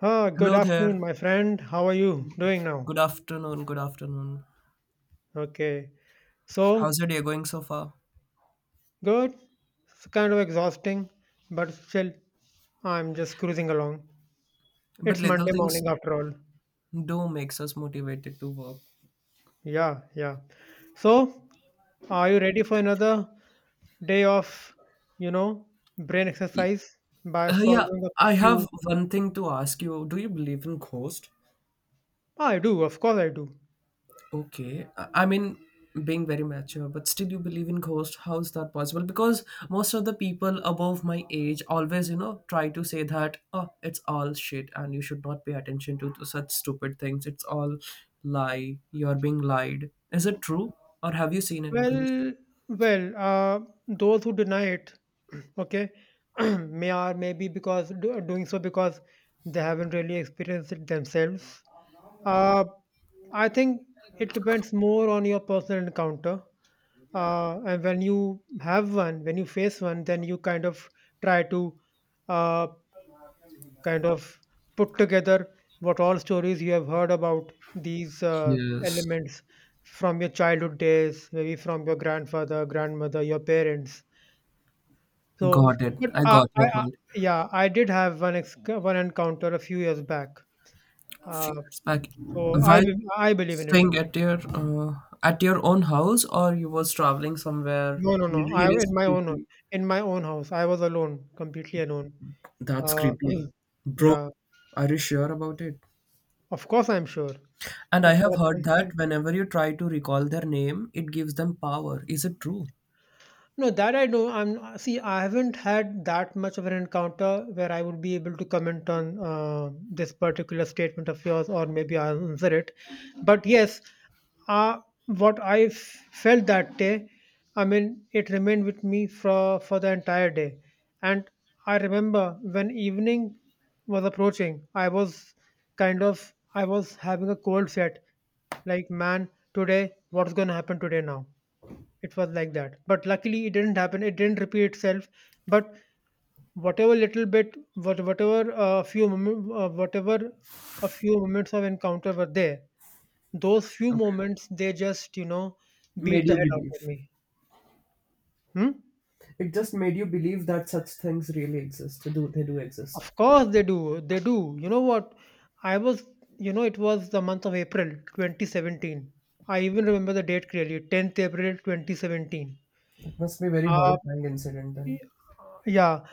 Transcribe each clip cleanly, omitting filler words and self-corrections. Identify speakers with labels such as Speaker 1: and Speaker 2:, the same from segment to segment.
Speaker 1: Ah, good
Speaker 2: Hello
Speaker 1: afternoon,
Speaker 2: there.
Speaker 1: my friend. How are you doing now?
Speaker 2: Good afternoon. Good afternoon.
Speaker 1: Okay. So,
Speaker 2: How's your day going so far?
Speaker 1: good. It's kind of exhausting, but still, I'm just cruising along.
Speaker 2: But
Speaker 1: It's
Speaker 2: little
Speaker 1: Monday
Speaker 2: things
Speaker 1: morning after all.
Speaker 2: do makes us motivated to work.
Speaker 1: Yeah, yeah. So, are you ready for another day of, you know, brain
Speaker 2: Y-
Speaker 1: exercise by
Speaker 2: yeah,
Speaker 1: solving a
Speaker 2: I
Speaker 1: few?
Speaker 2: have one thing to ask you. Do you believe in ghost?
Speaker 1: I do, of course I do.
Speaker 2: Okay, I mean, being very mature, but still you believe in ghost. How is that possible? Because most of the people above my age always, try to say that, oh, it's all shit and you should not pay attention to such stupid things. It's all lie. You're being lied. Is it true? Or have you seen any ghost?
Speaker 1: Well, well, those who deny it, okay, maybe because doing so because they haven't really experienced it themselves. Uh, I think it depends more on your personal encounter. And when you have one, when you face one, then you kind of try to uh, kind of put together what all stories you have heard about these
Speaker 2: Yes.
Speaker 1: elements from your childhood days, maybe from your grandfather, grandmother, your parents. So,
Speaker 2: Got it.
Speaker 1: but
Speaker 2: I
Speaker 1: uh,
Speaker 2: got
Speaker 1: I,
Speaker 2: your
Speaker 1: I,
Speaker 2: point.
Speaker 1: yeah, I did have one encounter a few years back.
Speaker 2: Few
Speaker 1: Uh,
Speaker 2: years back,
Speaker 1: so
Speaker 2: while
Speaker 1: I believe in it.
Speaker 2: staying at your own house, or you was traveling somewhere
Speaker 1: No, no, no. I
Speaker 2: really
Speaker 1: in my own
Speaker 2: spooky.
Speaker 1: In my own house. I was alone, completely alone.
Speaker 2: That's
Speaker 1: Uh,
Speaker 2: creepy. Bro,
Speaker 1: yeah,
Speaker 2: are you sure about it?
Speaker 1: of course, I'm sure
Speaker 2: And I
Speaker 1: it
Speaker 2: have
Speaker 1: was
Speaker 2: heard that
Speaker 1: something.
Speaker 2: whenever you try to recall their name, it gives them power. Is it true?
Speaker 1: No, that I know. I'm see. I haven't had that much of an encounter where I would be able to comment on this particular statement of yours, or maybe answer it. But yes, uh, what I f- felt that day, I mean, it remained with me for the entire day. And I remember when evening was approaching, I was I was having a cold sweat. Like, man, today, what's going to happen today now? It was like that. But luckily, it didn't happen. It didn't repeat itself. But whatever little bit, whatever a few moments of encounter were there, those few
Speaker 2: Okay.
Speaker 1: moments they just you know beat
Speaker 2: Made
Speaker 1: the
Speaker 2: you
Speaker 1: hell out of
Speaker 2: believe.
Speaker 1: me. Hmm?
Speaker 2: It just made you believe that such things really exist. Do they do exist?
Speaker 1: Of course they do. They do. You know what? I was, you know, it was the month of April 2017. I even remember the date clearly, 10th April 2017.
Speaker 2: It must be a very horrifying incident
Speaker 1: Y-
Speaker 2: then.
Speaker 1: Yeah,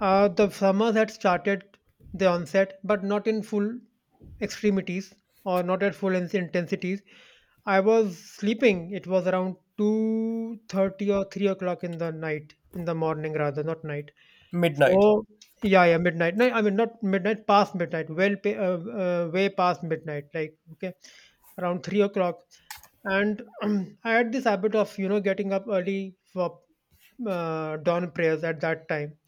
Speaker 1: the summers had started the onset, but not in full extremities or not at full intensities. I was sleeping. It was around two thirty or three o'clock in the night, in the morning rather, not night.
Speaker 2: Midnight.
Speaker 1: So yeah, yeah, midnight. No, I mean not midnight, past midnight, way past midnight. Like okay, around 3 o'clock, and I had this habit of you know getting up early for dawn prayers at that time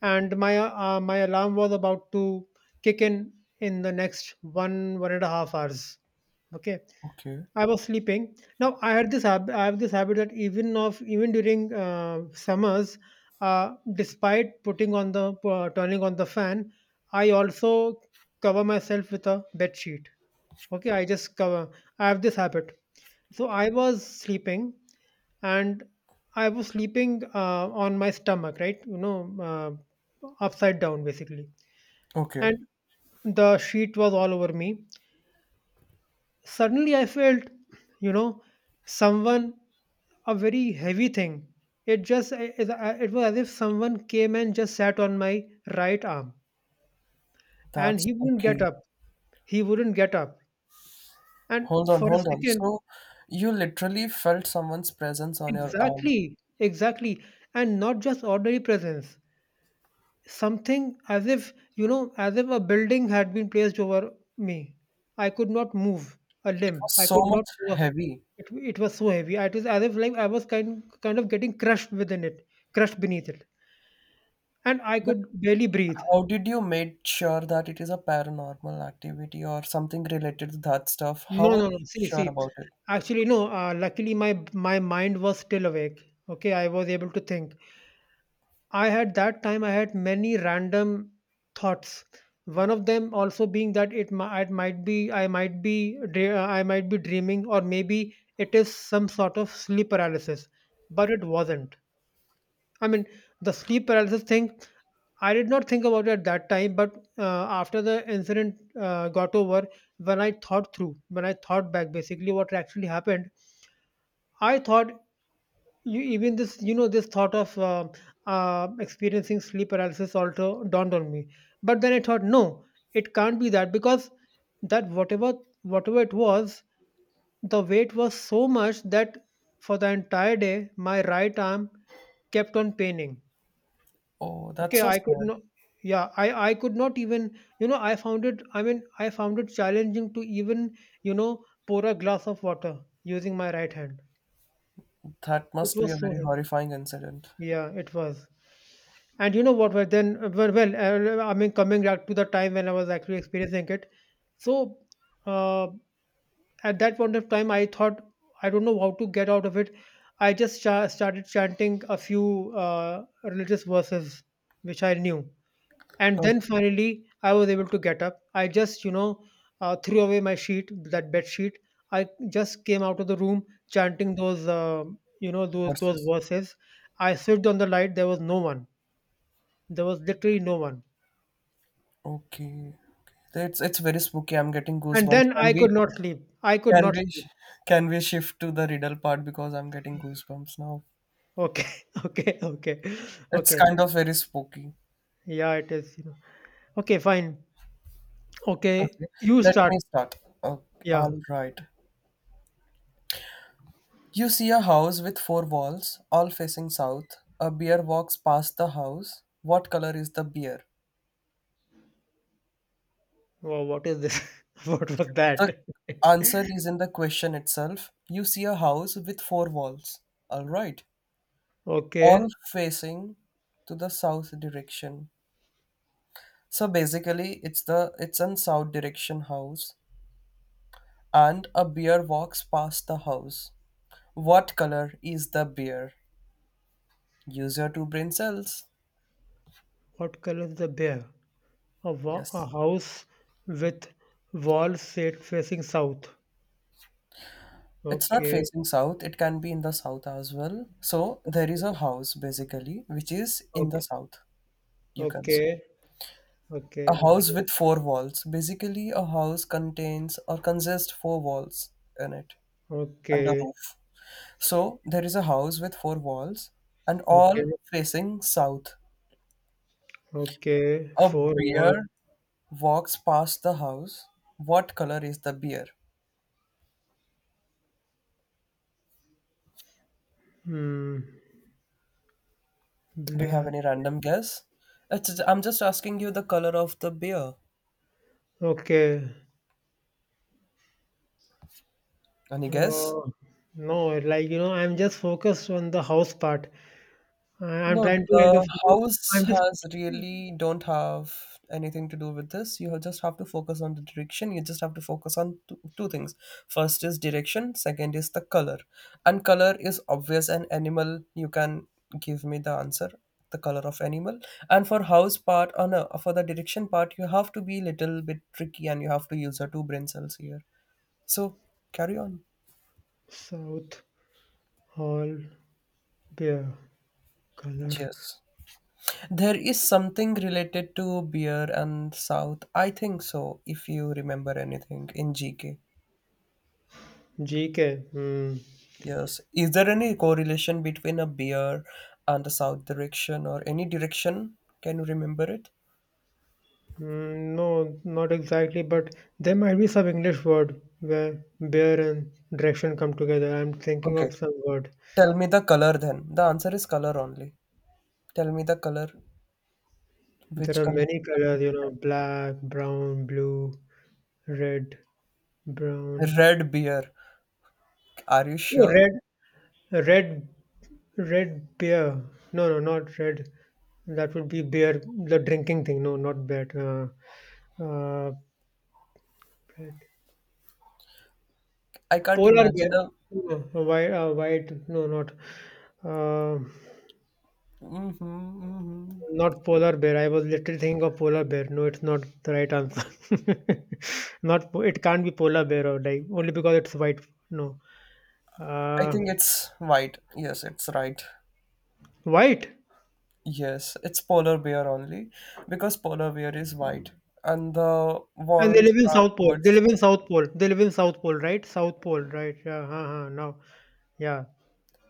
Speaker 1: and my alarm was about to kick in the next one and a half hours. Okay,
Speaker 2: Okay.
Speaker 1: I was sleeping. Now I had this hab- I have this habit that even during summers, despite putting on the turning on the fan, I also cover myself with a bed sheet. Okay, I just cover I have this habit. So I was sleeping, and I was sleeping on my stomach, right? You know, upside down basically.
Speaker 2: Okay.
Speaker 1: And the sheet was all over me. Suddenly I felt, you know, someone, a very heavy thing. It was as if someone came and just sat on my right arm and
Speaker 2: That's
Speaker 1: he wouldn't get
Speaker 2: okay.
Speaker 1: up. He wouldn't get up. And
Speaker 2: Hold on,
Speaker 1: for a
Speaker 2: hold on.
Speaker 1: second,
Speaker 2: So you literally felt someone's presence on your arm.
Speaker 1: exactly, exactly. And not just ordinary presence, something as if you know as if a building had been placed over me. I could not move a
Speaker 2: It
Speaker 1: limb,
Speaker 2: was
Speaker 1: I
Speaker 2: so
Speaker 1: could not
Speaker 2: much
Speaker 1: move.
Speaker 2: heavy.
Speaker 1: It was so heavy, it was as if like I was kind of getting crushed within it, crushed beneath it, and I
Speaker 2: But
Speaker 1: could barely breathe.
Speaker 2: how did you make sure that it is a paranormal activity or something related to that stuff?
Speaker 1: No,
Speaker 2: How are
Speaker 1: no,
Speaker 2: you
Speaker 1: no, see,
Speaker 2: sure
Speaker 1: see,
Speaker 2: about it?
Speaker 1: actually no, luckily my mind was still awake. Okay, I was able to think. I had many random thoughts. One of them also being that it might be, I might be dreaming or maybe it is some sort of sleep paralysis, but it wasn't. I mean the sleep paralysis thing I did not think about it at that time, but after the incident got over, when I thought through, when I thought back, basically what actually happened, I thought you even this you know this thought of experiencing sleep paralysis also dawned on me. But then I thought no, it can't be that because that whatever, whatever it was, the weight was so much that for the entire day my right arm kept on paining.
Speaker 2: Oh, that's
Speaker 1: Okay,
Speaker 2: so
Speaker 1: I could
Speaker 2: sad.
Speaker 1: not, yeah, I could not even, I mean, I found it challenging to even, you know, pour a glass of water using my right hand.
Speaker 2: That
Speaker 1: It
Speaker 2: must be a
Speaker 1: was so
Speaker 2: very
Speaker 1: heavy,
Speaker 2: horrifying incident.
Speaker 1: yeah, it was. And you know what? I mean, coming back to the time when I was actually experiencing it. So, uh, at that point of time, I thought I don't know how to get out of it. Started chanting a few religious verses which I knew, and then
Speaker 2: Okay,
Speaker 1: finally, I was able to get up. I just, you know, threw away my sheet, that bed sheet. I just came out of the room chanting those, you know, those
Speaker 2: versus.
Speaker 1: verses. I switched on the light. There was no one, there was literally no one.
Speaker 2: Okay. Okay. It's very spooky. I'm getting
Speaker 1: And
Speaker 2: goosebumps.
Speaker 1: then
Speaker 2: Can
Speaker 1: I
Speaker 2: we
Speaker 1: could not sleep. I could
Speaker 2: can
Speaker 1: not
Speaker 2: we sh-
Speaker 1: sleep.
Speaker 2: can we shift to the riddle part because I'm getting goosebumps now.
Speaker 1: Okay, okay, okay,
Speaker 2: It's
Speaker 1: okay.
Speaker 2: kind of very spooky.
Speaker 1: Yeah, it is. You know. Okay, fine. Okay,
Speaker 2: Okay,
Speaker 1: you
Speaker 2: let
Speaker 1: start.
Speaker 2: me start. Okay, all
Speaker 1: Yeah.
Speaker 2: right. You see a house with four walls, all facing south. A bear walks past the house. What color is the bear?
Speaker 1: Wow, what is this? what was
Speaker 2: The
Speaker 1: that?
Speaker 2: answer is in the question itself. You see a house with four walls. All right. All
Speaker 1: okay,
Speaker 2: facing to the south direction. So basically it's an south direction house and a bear walks past the house. What color is the bear? Use your two brain cells.
Speaker 1: what color is the bear? A
Speaker 2: Yes.
Speaker 1: house with walls set facing south.
Speaker 2: It's not
Speaker 1: Okay,
Speaker 2: facing south, it can be in the south as well. So there is a house basically which is in the
Speaker 1: okay,
Speaker 2: south, you can say.
Speaker 1: okay, okay,
Speaker 2: A house
Speaker 1: okay,
Speaker 2: with four walls. Basically, a house contains or consists four walls in it and a
Speaker 1: okay,
Speaker 2: roof. So there is a house with four walls and
Speaker 1: okay,
Speaker 2: all facing south.
Speaker 1: okay.
Speaker 2: A
Speaker 1: Four wall.
Speaker 2: bear walks past the house. What color is the bear?
Speaker 1: Hmm.
Speaker 2: Do you have
Speaker 1: Black.
Speaker 2: any random guess? I'm just asking you the color of the bear.
Speaker 1: Okay.
Speaker 2: Any guess?
Speaker 1: Uh, no, like, you know, I'm just focused on the house part. I'm
Speaker 2: No,
Speaker 1: trying to kind
Speaker 2: the
Speaker 1: of,
Speaker 2: house
Speaker 1: I'm just
Speaker 2: has really don't have anything to do with this. You just have to focus on the direction. You just have to focus on two things. First is direction, second is the color. And color is obvious an animal. You can give me the answer, the color of animal. And for house part, or no, for the direction part, you have to be little bit tricky and you have to use your two brain cells here. So carry on.
Speaker 1: South Hall beer color.
Speaker 2: Cheers. There is something related to beer and South. I think so, if you remember anything in GK.
Speaker 1: GK. Hmm.
Speaker 2: Yes. Is there any correlation between a beer and the South direction or any direction? Can you remember it?
Speaker 1: Mm, no, not exactly, but there might be some English word where beer and direction come together. I'm thinking
Speaker 2: Okay.
Speaker 1: of some word.
Speaker 2: Tell me the color then. The answer is color only. Tell me the color.
Speaker 1: There
Speaker 2: Which
Speaker 1: are
Speaker 2: color?
Speaker 1: many
Speaker 2: The beer?
Speaker 1: colors, you know, black, brown, blue, red, brown.
Speaker 2: Red beer. Are you
Speaker 1: Oh,
Speaker 2: sure?
Speaker 1: red, red. Red beer. No, no, not red. That would be beer, the drinking thing. No, not beer. Uh, red.
Speaker 2: I can't
Speaker 1: Polar bear.
Speaker 2: imagine a.
Speaker 1: No, white, white. No, not. Uh,
Speaker 2: hmm hmm
Speaker 1: not polar bear. I was literally thinking of polar bear. No, it's not the right answer. not. Po- It can't be polar bear or like only because it's white. No.
Speaker 2: I
Speaker 1: Uh,
Speaker 2: think it's white. Yes, it's right.
Speaker 1: white.
Speaker 2: Yes, it's polar bear only because polar bear is white and the
Speaker 1: And they
Speaker 2: walls
Speaker 1: live in
Speaker 2: are
Speaker 1: South Pole. They
Speaker 2: towards
Speaker 1: live in
Speaker 2: south.
Speaker 1: South Pole. They live in South Pole, right? South Pole, right? Yeah. Uh-huh, now. Yeah.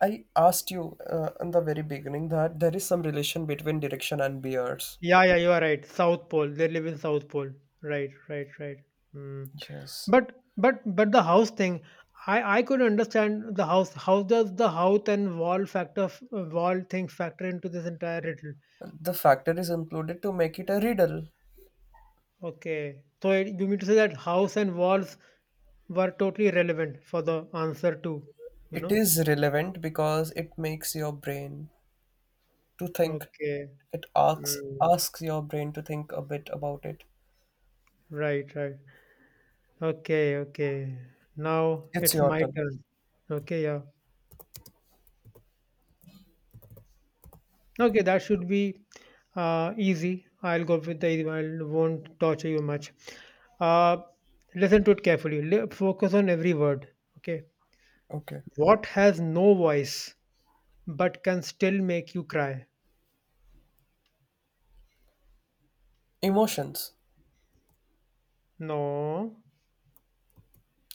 Speaker 2: I asked you in the very beginning that there is some relation between direction and bears.
Speaker 1: Yeah, yeah, you are right. South Pole. They live in South Pole. Right, right, right. Mm.
Speaker 2: Yes.
Speaker 1: But the house thing, I could understand the house. How does the house and wall thing factor into this entire riddle?
Speaker 2: The factor is included to make it a riddle.
Speaker 1: Okay, so it, you mean to say that house and walls were totally relevant for the answer too? You
Speaker 2: It
Speaker 1: know?
Speaker 2: is relevant because it makes your brain to think.
Speaker 1: Okay.
Speaker 2: It asks
Speaker 1: Mm.
Speaker 2: asks your brain to think a bit about it.
Speaker 1: Right, right. Okay, okay. Now
Speaker 2: It's
Speaker 1: it's
Speaker 2: your
Speaker 1: my
Speaker 2: turn.
Speaker 1: turn. Okay, yeah. Okay, that should be easy. I'll go with the easy one. I won't torture you much. Uh, Listen to it carefully. Focus on every word. Okay.
Speaker 2: Okay.
Speaker 1: What has no voice but can still make you cry?
Speaker 2: Emotions.
Speaker 1: No.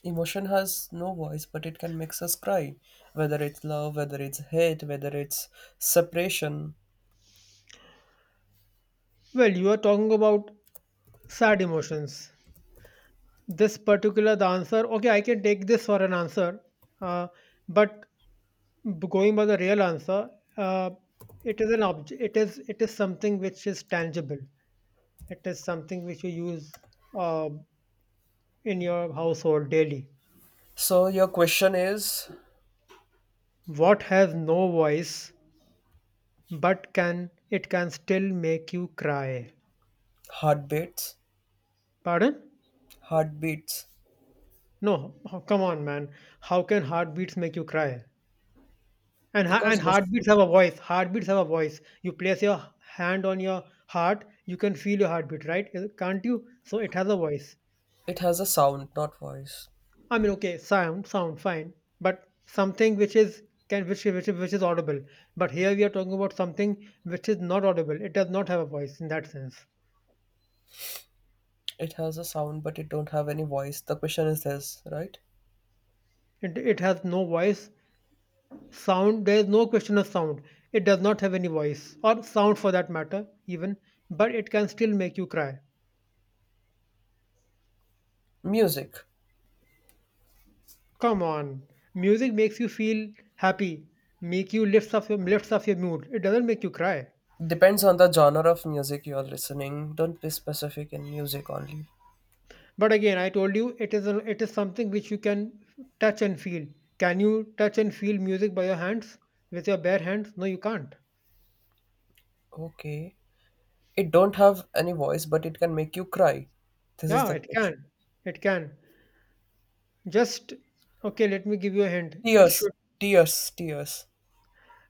Speaker 2: Emotion has no voice, but it can make us cry, whether it's love, whether it's hate, whether it's separation.
Speaker 1: Well, you are talking about sad emotions. This particular the answer. Okay, I can take this for an answer. Uh, but Going by the real answer, uh, it is an object. It is something which is tangible. It is something which you use uh, in your household daily.
Speaker 2: So your question is
Speaker 1: What has no voice but can still make you cry?
Speaker 2: heartbeats,
Speaker 1: Pardon?
Speaker 2: heartbeats,
Speaker 1: No, oh, come on, man. How can heartbeats make you cry?
Speaker 2: because
Speaker 1: And
Speaker 2: lis-
Speaker 1: heartbeats have a voice. Heartbeats have a voice. You place your hand on your heart, you can feel your heartbeat, right? Can't you? So it has a voice.
Speaker 2: it has a sound, not voice.
Speaker 1: I mean, okay, sound, sound, fine, but something which is can, which is audible. But here we are talking about something which is not audible. It does not have a voice in that sense.
Speaker 2: It has a sound, but it don't have any voice. The question is this, right?
Speaker 1: It has no voice. Sound, there is no question of sound. It does not have any voice or sound for that matter, even. But it can still make you cry.
Speaker 2: Music
Speaker 1: Come on, music makes you feel happy, make you lifts up your mood. It doesn't make you cry.
Speaker 2: depends on the genre of music you are listening. Don't be specific in music only.
Speaker 1: But again, I told you it is a, it is something which you can touch and feel. Can you touch and feel music by your hands with your bare hands? No, you can't.
Speaker 2: Okay, it don't have any voice, but it can make you cry. This is
Speaker 1: Yeah,
Speaker 2: the
Speaker 1: it
Speaker 2: question.
Speaker 1: can. It can. Just okay. Let me give you a hint. It
Speaker 2: Tears,
Speaker 1: should.
Speaker 2: tears.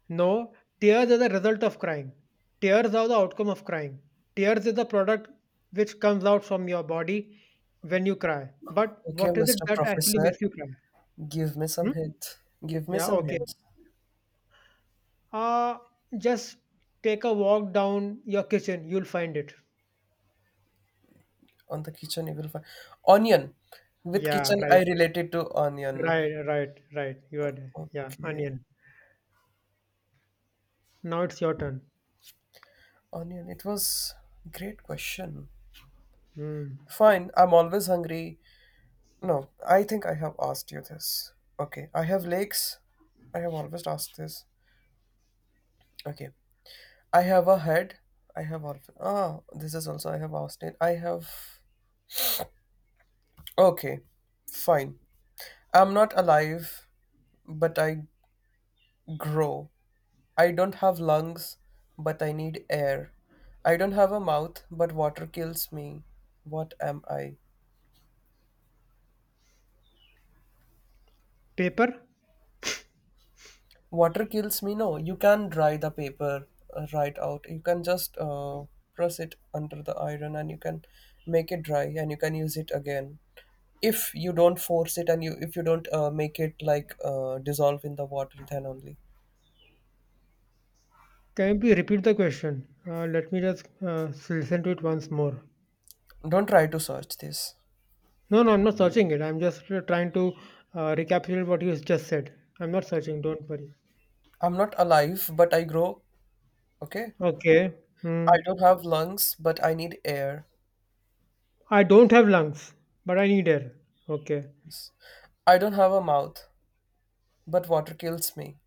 Speaker 1: No, tears are the result of crying. Tears are the outcome of crying. Tears is the product which comes out from your body when you cry. But
Speaker 2: Okay,
Speaker 1: what is it
Speaker 2: Mr.
Speaker 1: that actually
Speaker 2: Professor,
Speaker 1: makes you cry?
Speaker 2: give me some
Speaker 1: Hmm?
Speaker 2: hints. Give me
Speaker 1: Yeah.
Speaker 2: some
Speaker 1: Okay.
Speaker 2: hints
Speaker 1: Uh just take a walk down your kitchen. You'll find it.
Speaker 2: on the kitchen. You will find onion. With
Speaker 1: Yeah,
Speaker 2: kitchen, I
Speaker 1: right,
Speaker 2: related to onion.
Speaker 1: right, right, right. You are there. Yeah,
Speaker 2: Okay,
Speaker 1: onion. Now it's your turn.
Speaker 2: onion. It was great question.
Speaker 1: Hmm.
Speaker 2: Fine. I'm always hungry. No, I think I have asked you this. Okay, I have legs. I have always asked this. Okay, I have a head. I have always. Ah, this is also I have asked it. I have. Okay, fine. I'm not alive, but I grow. I don't have lungs, but I need air. I don't have a mouth, but water kills me. What am I?
Speaker 1: Paper?
Speaker 2: Water kills me? No, you can dry the paper right out. You can just press it under the iron and you can make it dry and you can use it again. If you don't force it and you if you don't make it like dissolve in the water, then only.
Speaker 1: Can you please repeat the question? Let me just listen to it once more.
Speaker 2: Don't try to search this.
Speaker 1: No, no, I'm not searching it. I'm just trying to recapitulate what you just said. I'm not searching. Don't worry.
Speaker 2: I'm not alive, but I grow. Okay?
Speaker 1: Okay. Hmm.
Speaker 2: I don't have lungs, but I need air.
Speaker 1: I don't have lungs, but I need air. Okay.
Speaker 2: Yes. I don't have a mouth, but water kills me.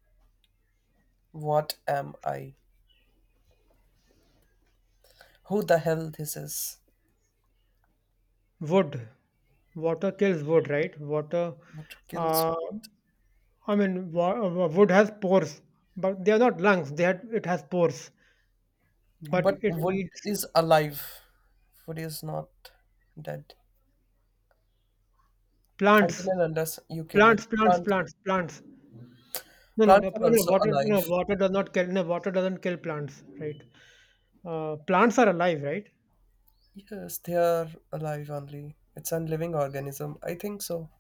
Speaker 2: What am I? Who the hell this is?
Speaker 1: Wood. Water kills wood, right? Water.
Speaker 2: What kills
Speaker 1: Uh,
Speaker 2: me?
Speaker 1: I mean, wood has pores, but they are not lungs. They had, it has pores, but
Speaker 2: But
Speaker 1: it
Speaker 2: wood
Speaker 1: needs
Speaker 2: is alive. Wood is not dead. Until
Speaker 1: plants,
Speaker 2: and unless you kill it.
Speaker 1: plants, plants,
Speaker 2: Plant,
Speaker 1: plants, plants. No, no,
Speaker 2: plants
Speaker 1: no,
Speaker 2: are
Speaker 1: no, no.
Speaker 2: also
Speaker 1: Water, no,
Speaker 2: alive.
Speaker 1: water does not kill. No, water doesn't kill plants, right? Plants are alive, right?
Speaker 2: Yes, they are alive only. It's a living organism. I think so.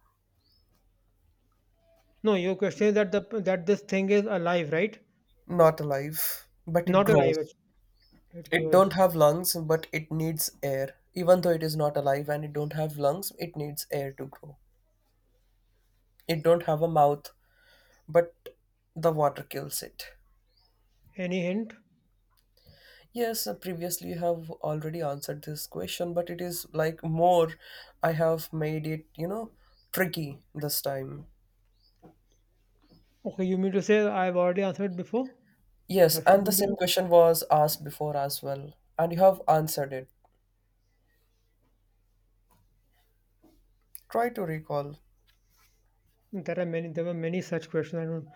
Speaker 1: No, your question is that the that this thing is alive, right?
Speaker 2: Not alive, but it
Speaker 1: Not alive.
Speaker 2: grows.
Speaker 1: It
Speaker 2: It
Speaker 1: grows.
Speaker 2: don't have lungs, but it needs air. Even though it is not alive and it don't have lungs, it needs air to grow. It don't have a mouth, but the water kills it.
Speaker 1: Any hint?
Speaker 2: Yes, previously you have already answered this question, but it is like more. I have made it, you know, tricky this time.
Speaker 1: Okay, you mean to say I've already answered before?
Speaker 2: Yes,
Speaker 1: That's what
Speaker 2: and the
Speaker 1: you mean
Speaker 2: same
Speaker 1: to
Speaker 2: question was asked before as well, and you have answered it. Try to recall.
Speaker 1: say? There are many. There were many such questions. I don't.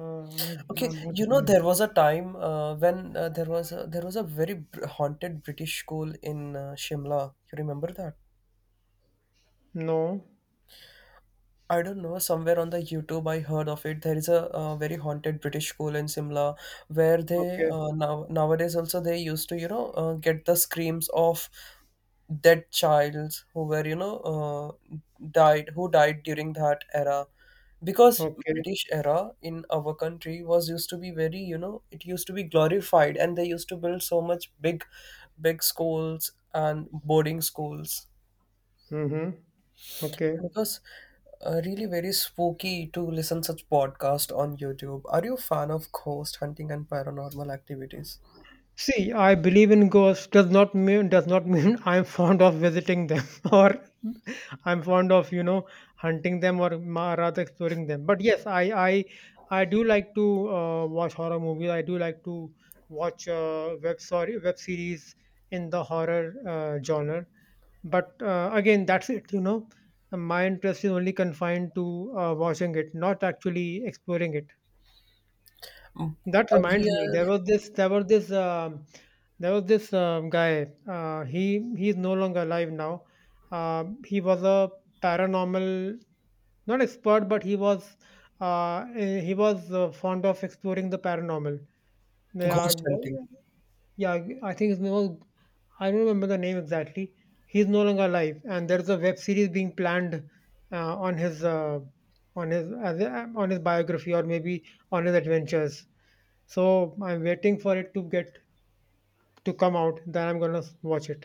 Speaker 1: Uh, I,
Speaker 2: Okay,
Speaker 1: I'm not
Speaker 2: you know
Speaker 1: alive.
Speaker 2: there was a time when there was a very haunted British school in Shimla. You remember that?
Speaker 1: No.
Speaker 2: I don't know, somewhere on the YouTube I heard of it. There is a, very haunted British school in Simla where they
Speaker 1: Okay,
Speaker 2: now nowadays also they used to, you know, get the screams of dead childs who were, you know, died who died during that era. Because
Speaker 1: okay.
Speaker 2: British era in our country was used to be very, you know, it used to be glorified and they used to build so much big schools and boarding schools
Speaker 1: Mm-hmm. Okay.
Speaker 2: it was really very spooky to listen such podcast on YouTube. Are you a fan of ghost hunting and paranormal activities?
Speaker 1: See, I believe in ghosts does not mean I'm fond of visiting them or I'm fond of, you know, hunting them or rather exploring them. But yes, I I do like to watch horror movies. I do like to watch web series in the horror genre. But again, that's it. My interest is only confined to watching it, not actually exploring it.
Speaker 2: Oh,
Speaker 1: That
Speaker 2: We
Speaker 1: reminds me,
Speaker 2: are
Speaker 1: there was this guy. He's no longer alive now. He was a paranormal, not expert, but he was he was fond of exploring the paranormal. Yeah,
Speaker 2: ghost hunting.
Speaker 1: w- yeah. I think his name was. I don't remember the name exactly. He's no longer alive, and there's a web series being planned on his on his biography or maybe on his adventures. So I'm waiting for it to get to come out, then I'm gonna watch it.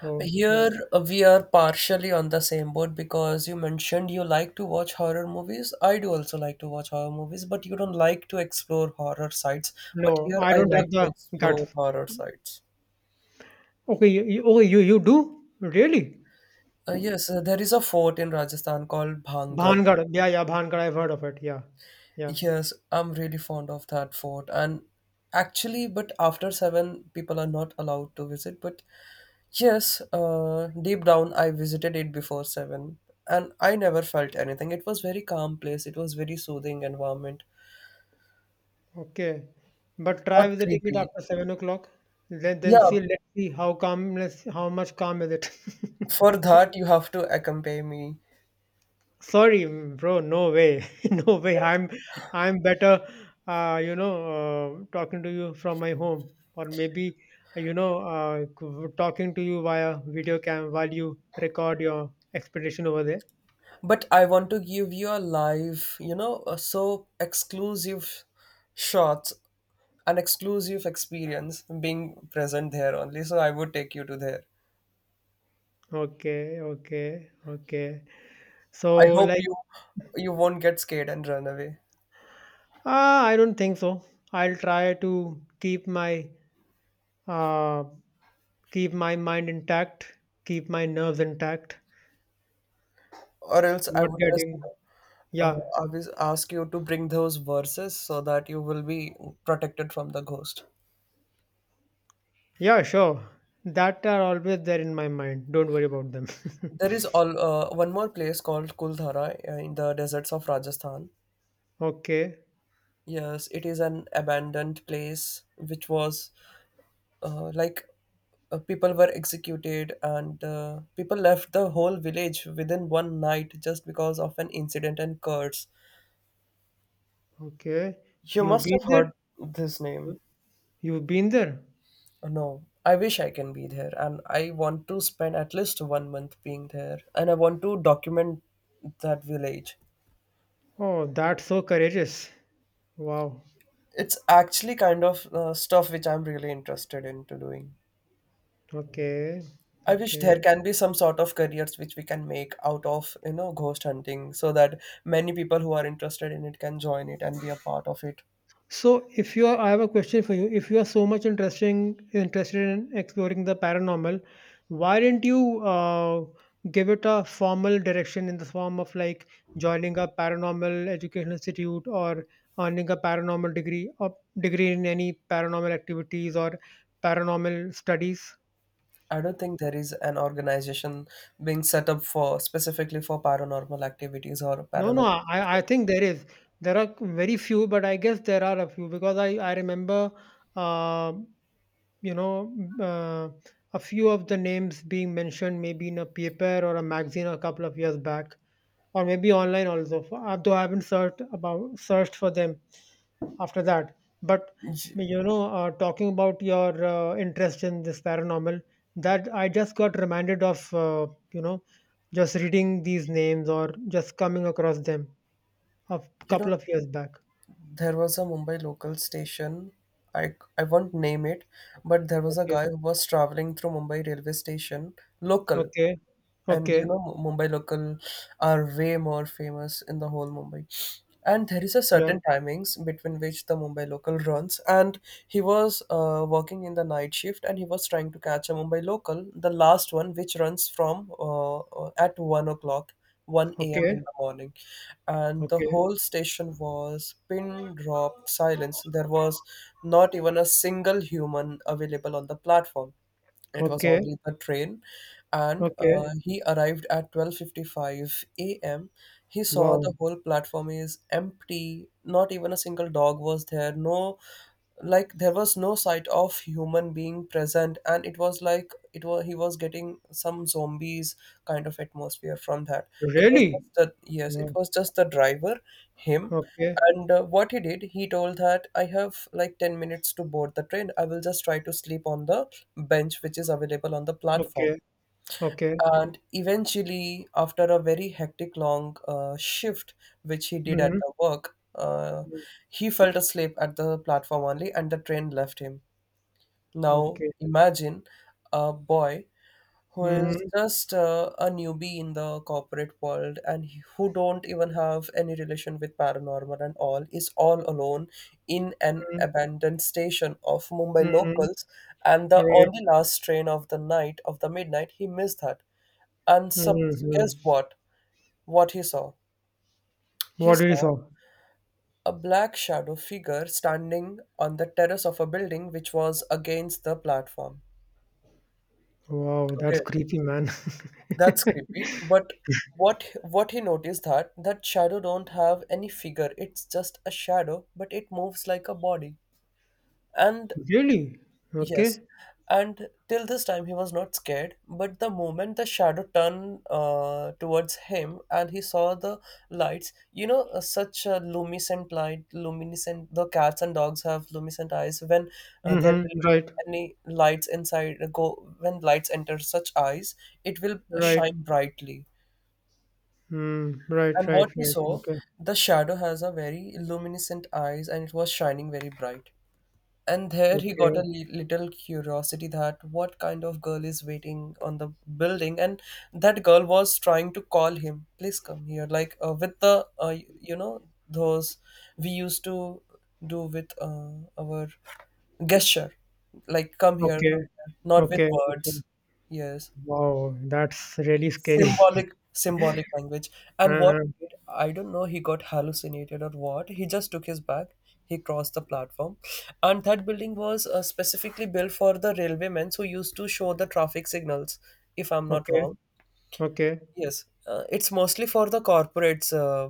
Speaker 1: So like,
Speaker 2: Here we are partially on the same boat because you mentioned you like to watch horror movies. I do also like to watch horror movies, but you don't like to explore horror sites. But
Speaker 1: no,
Speaker 2: here
Speaker 1: I
Speaker 2: I
Speaker 1: don't
Speaker 2: like
Speaker 1: have
Speaker 2: to
Speaker 1: the
Speaker 2: explore
Speaker 1: guts.
Speaker 2: horror sites.
Speaker 1: Okay, oh, you do? Really?
Speaker 2: Yes, there is a fort in Rajasthan called Bhangad.
Speaker 1: Bhangad. Yeah, yeah, Bhangad. I've heard of it. Yeah, yeah.
Speaker 2: Yes, I'm really fond of that fort. And actually, but after seven, people are not allowed to visit. But yes, deep down, I visited it before seven, and I never felt anything. It was very calm place. It was very soothing environment,
Speaker 1: Okay, but try
Speaker 2: not
Speaker 1: visiting it
Speaker 2: creepy.
Speaker 1: after 7 o'clock. Then
Speaker 2: Yeah,
Speaker 1: see. Let's see how calmness, how much calm is it.
Speaker 2: for that you have to accompany me.
Speaker 1: Sorry, mm, bro, no way. No way. I'm better you know, talking to you from my home or maybe you know, talking to you via video cam while you record your expedition over there.
Speaker 2: But I want to give you a live, you know, so exclusive shots, an exclusive experience being present there only. So I would take you to there.
Speaker 1: Okay, okay, okay.
Speaker 2: I
Speaker 1: So
Speaker 2: hope
Speaker 1: like
Speaker 2: you won't get scared and run away,
Speaker 1: ah, I don't think so. I'll try to uh keep my mind intact, keep my nerves intact,
Speaker 2: or else I
Speaker 1: not
Speaker 2: would just you
Speaker 1: getting
Speaker 2: know,
Speaker 1: yeah.
Speaker 2: I will ask you to bring those verses so that you will be protected from the ghost.
Speaker 1: Yeah, sure. That are always there in my mind. Don't worry about them.
Speaker 2: There is all one more place called Kuldhara in the deserts of Rajasthan.
Speaker 1: Okay,
Speaker 2: Yes, it is an abandoned place which was uh, like people were executed and people left the whole village within one night just because of an incident and curse.
Speaker 1: okay.
Speaker 2: You
Speaker 1: You've
Speaker 2: must
Speaker 1: been
Speaker 2: have
Speaker 1: there?
Speaker 2: heard this name.
Speaker 1: You- You've been there?
Speaker 2: No, I wish I can be there, and I want to spend at least one month being there, and I want to document that village.
Speaker 1: Oh, that's so courageous. Wow.
Speaker 2: It's actually kind of stuff which I'm really interested into doing.
Speaker 1: Okay,
Speaker 2: I wish there
Speaker 1: okay.
Speaker 2: can be some sort of careers which we can make out of, you know, ghost hunting so that many people who are interested in it can join it and be a part of it.
Speaker 1: So, if you are, I have a question for you. If you are interested in exploring the paranormal, why didn't you give it a formal direction in the form of like joining a paranormal education institute or earning a paranormal degree or degree in any paranormal activities or paranormal studies?
Speaker 2: I don't think there is an organization being set up for specifically for paranormal activities or
Speaker 1: No, no,
Speaker 2: paranormal stuff.
Speaker 1: I think there is. There are very few, but I guess there are a few because I remember. um you know uh, a few of the names being mentioned maybe in a paper or a magazine a couple of years back or maybe online also, although I haven't searched for them after that. But
Speaker 2: Y-
Speaker 1: you know, talking about your interest in this paranormal, that I just got reminded of, you know, just reading these names or just coming across them a
Speaker 2: You know,
Speaker 1: couple of years back.
Speaker 2: there was a Mumbai local station. I won't name it, but there was a
Speaker 1: Okay,
Speaker 2: guy who was traveling through Mumbai railway station, local.
Speaker 1: okay,
Speaker 2: And
Speaker 1: okay.
Speaker 2: you know Mumbai local are way more famous in the whole Mumbai, and there is a
Speaker 1: Yeah,
Speaker 2: certain timings between which the Mumbai local runs. And he was working in the night shift and he was trying to catch a Mumbai local, the last one, which runs from at 1 o'clock, 1 a.m.
Speaker 1: okay,
Speaker 2: in the morning. And the
Speaker 1: okay,
Speaker 2: whole station was pin drop silence. There was not even a single human available on the platform. It was
Speaker 1: okay,
Speaker 2: only the train, and
Speaker 1: okay.
Speaker 2: he arrived at 12:55 a.m. He saw the
Speaker 1: Wow,
Speaker 2: whole platform is empty. Not even a single dog was there. No, like there was no sight of human being present, and it was like it was he was getting some zombies kind of atmosphere from that. It was
Speaker 1: really?
Speaker 2: just the yes it
Speaker 1: Wow,
Speaker 2: was just the driver, him.
Speaker 1: okay,
Speaker 2: And what he did, he told that I have like 10 minutes to board the train. I will just try to sleep on the bench which is available on the
Speaker 1: okay,
Speaker 2: platform.
Speaker 1: okay.
Speaker 2: And eventually, after a very hectic long shift, which he did at
Speaker 1: Mhm,
Speaker 2: the work,
Speaker 1: mm.
Speaker 2: he fell asleep at the platform only and the train left him. Now,
Speaker 1: Okay.
Speaker 2: imagine a boy who is
Speaker 1: Mhm,
Speaker 2: just a newbie in the corporate world and who don't even have any relation with paranormal and all, is all alone in an
Speaker 1: mm,
Speaker 2: abandoned station of Mumbai
Speaker 1: mhm.
Speaker 2: locals. And the
Speaker 1: Right.
Speaker 2: only last train of the night, of the midnight, he missed that. And so,
Speaker 1: Mhm.
Speaker 2: guess what? What he saw? He
Speaker 1: What did you
Speaker 2: saw
Speaker 1: saw?
Speaker 2: a black shadow figure standing on the terrace of a building which was against the platform.
Speaker 1: Wow,
Speaker 2: Okay,
Speaker 1: that's creepy, man.
Speaker 2: that's creepy. But what he noticed that that shadow don't have any figure. It's just a shadow, but it moves like a body. And
Speaker 1: Really?
Speaker 2: yes.
Speaker 1: Okay.
Speaker 2: And till this time, he was not scared. But the moment the shadow turned towards him and he saw the lights, you know, such a luminescent light, luminescent, the cats and dogs have luminescent eyes. When there will
Speaker 1: Mm-hmm.
Speaker 2: be
Speaker 1: Right.
Speaker 2: any lights inside, go when lights enter such eyes, it will
Speaker 1: Right.
Speaker 2: shine brightly.
Speaker 1: Mm. Right.
Speaker 2: And
Speaker 1: Right.
Speaker 2: what he
Speaker 1: Right.
Speaker 2: saw,
Speaker 1: Okay.
Speaker 2: the shadow has a very luminescent eyes and it was shining very bright. And there he got a
Speaker 1: Okay.
Speaker 2: little curiosity that what kind of girl is waiting on the building. And that girl was trying to call him, "Please come here." Like with the those we used to do with our gesture, like
Speaker 1: Okay.
Speaker 2: come here," not with
Speaker 1: Okay. Okay.
Speaker 2: words. Yes,
Speaker 1: Wow, that's really scary.
Speaker 2: symbolic symbolic language. And what
Speaker 1: Uh-huh.
Speaker 2: he did, I don't know he got hallucinated or what, he just took his bag, he crossed the platform. And that building was specifically built for the railwaymen who used to show the traffic signals, if I'm not
Speaker 1: Okay.
Speaker 2: wrong.
Speaker 1: Okay.
Speaker 2: Yes, it's mostly for the corporates,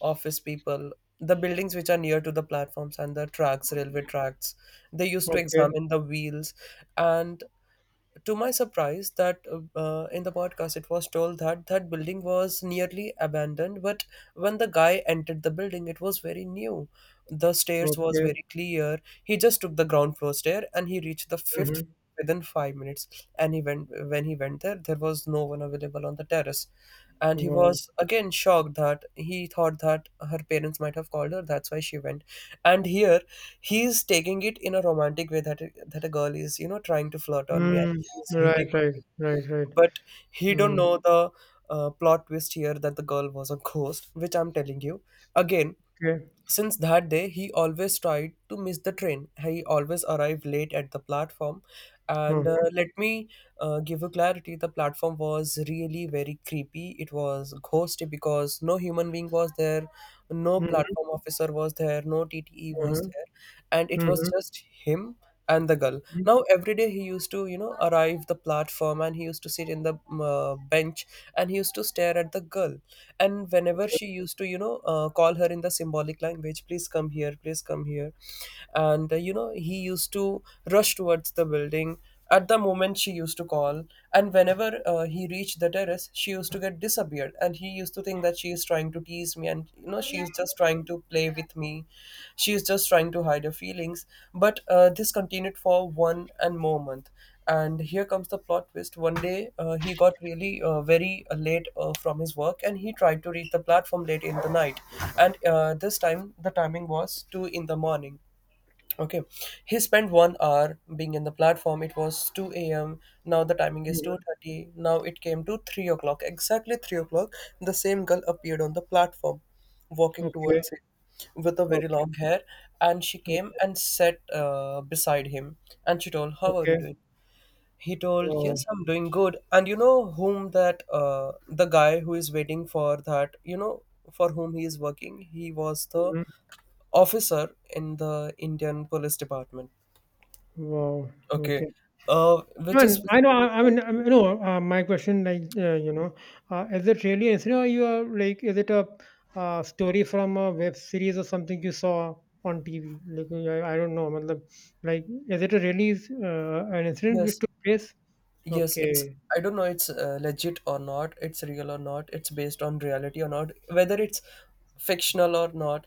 Speaker 2: office people, the buildings which are near to the platforms and the tracks railway tracks. They used to
Speaker 1: Okay.
Speaker 2: examine the wheels. And to my surprise, that in the podcast it was told that that building was nearly abandoned. But when the guy entered the building, it was very new. The stairs was
Speaker 1: Okay.
Speaker 2: very clear. He just took the ground floor stair and he reached the fifth
Speaker 1: Mm-hmm.
Speaker 2: within 5 minutes. And he went when he went there, there was no one available on the terrace. And he
Speaker 1: Wow.
Speaker 2: was again shocked that he thought that her parents might have called her, that's why she went. And here he's taking it in a romantic way that that a girl is, you know, trying to flirt on me and
Speaker 1: Mm,
Speaker 2: she's hitting
Speaker 1: right,
Speaker 2: on
Speaker 1: right,
Speaker 2: me.
Speaker 1: right, right.
Speaker 2: But he don't
Speaker 1: Mm,
Speaker 2: know the plot twist here, that the girl was a ghost, which I'm telling you. Again,
Speaker 1: okay.
Speaker 2: since that day, he always tried to miss the train. He always arrived late at the platform. And
Speaker 1: Mhm,
Speaker 2: let me give you clarity. The platform was really very creepy. It was ghosty because no human being was there, no
Speaker 1: mhm,
Speaker 2: platform officer was there, no TTE was
Speaker 1: mhm,
Speaker 2: there. And it was
Speaker 1: mhm,
Speaker 2: just him and the girl.
Speaker 1: mhm.
Speaker 2: Now, every day he used to, you know, arrive the platform and he used to sit in the bench and he used to stare at the girl. And whenever
Speaker 1: Okay.
Speaker 2: she used to you know call her in the symbolic language, "Please come here, please come here." And he used to rush towards the building at the moment she used to call. And whenever he reached the terrace, she used to get disappeared, and he used to think that she is trying to tease me, and you know she is just trying to play with me, she is just trying to hide her feelings. But this continued for one and more month. And here comes the plot twist. One day, he got really very late from his work, and he tried to reach the platform late in the night. And this time the timing was 2 in the morning. Okay, he spent 1 hour being in the platform. It was 2 a.m. Now the timing is
Speaker 1: Mhm.
Speaker 2: 2:30. Now it came to 3 o'clock. Exactly 3 o'clock, the same girl appeared on the platform, walking
Speaker 1: Okay.
Speaker 2: towards him with a very
Speaker 1: Okay.
Speaker 2: long hair. And she came
Speaker 1: O-
Speaker 2: and sat beside him. And she told, "How are you
Speaker 1: okay.
Speaker 2: doing?" He told, "Yes,
Speaker 1: Wow.
Speaker 2: I'm doing good." And you know whom that the guy who is waiting for that, you know, for whom he is working. He was the
Speaker 1: Mhm.
Speaker 2: officer in the Indian Police Department.
Speaker 1: Wow.
Speaker 2: Okay.
Speaker 1: Okay.
Speaker 2: Which
Speaker 1: I
Speaker 2: is
Speaker 1: mean, I know.
Speaker 2: specifically for
Speaker 1: I mean, you know. My question, like, you know, is it really? An You you are like, is it a story from a web series or something you saw on TV? Like, I don't know. Matlab, like, is it a really an incident which
Speaker 2: yes.
Speaker 1: took place?
Speaker 2: Yes, it's
Speaker 1: Okay.
Speaker 2: I don't know it's legit or not, it's real or not, it's based on reality or not, whether it's fictional or not.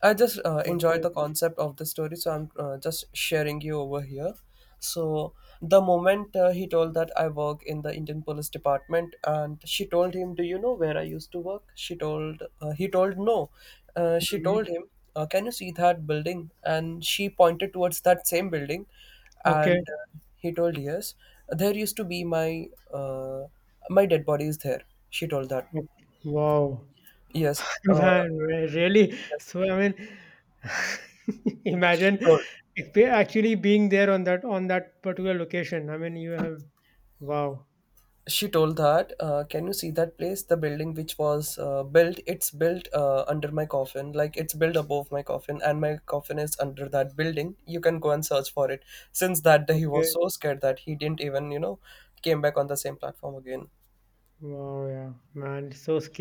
Speaker 2: I just enjoyed
Speaker 1: Okay.
Speaker 2: the concept of the story, so I'm just sharing you over here. So the moment he told that I work in the Indian Police Department, and she told him, "Do you know where I used to work?" She told he told no. She
Speaker 1: Mm-hmm.
Speaker 2: told him, "Can you see that building?" And she pointed towards that same building.
Speaker 1: Okay.
Speaker 2: And he told yes. There used to be my uh, my dead body is there, she told that.
Speaker 1: Mm, wow.
Speaker 2: Yes
Speaker 1: Man, really?
Speaker 2: yes
Speaker 1: So I mean,
Speaker 2: she
Speaker 1: imagine
Speaker 2: told
Speaker 1: if we actually being there on that particular location. I mean, you have wow.
Speaker 2: she told that can you see that place, the building which was built, it's built under my coffin, like it's built above my coffin and my coffin is under that building, you can go and search for it. Since that day, he was
Speaker 1: Okay.
Speaker 2: so scared that he didn't even you know came back on the same platform again.
Speaker 1: Wow. Yeah, man. So scary.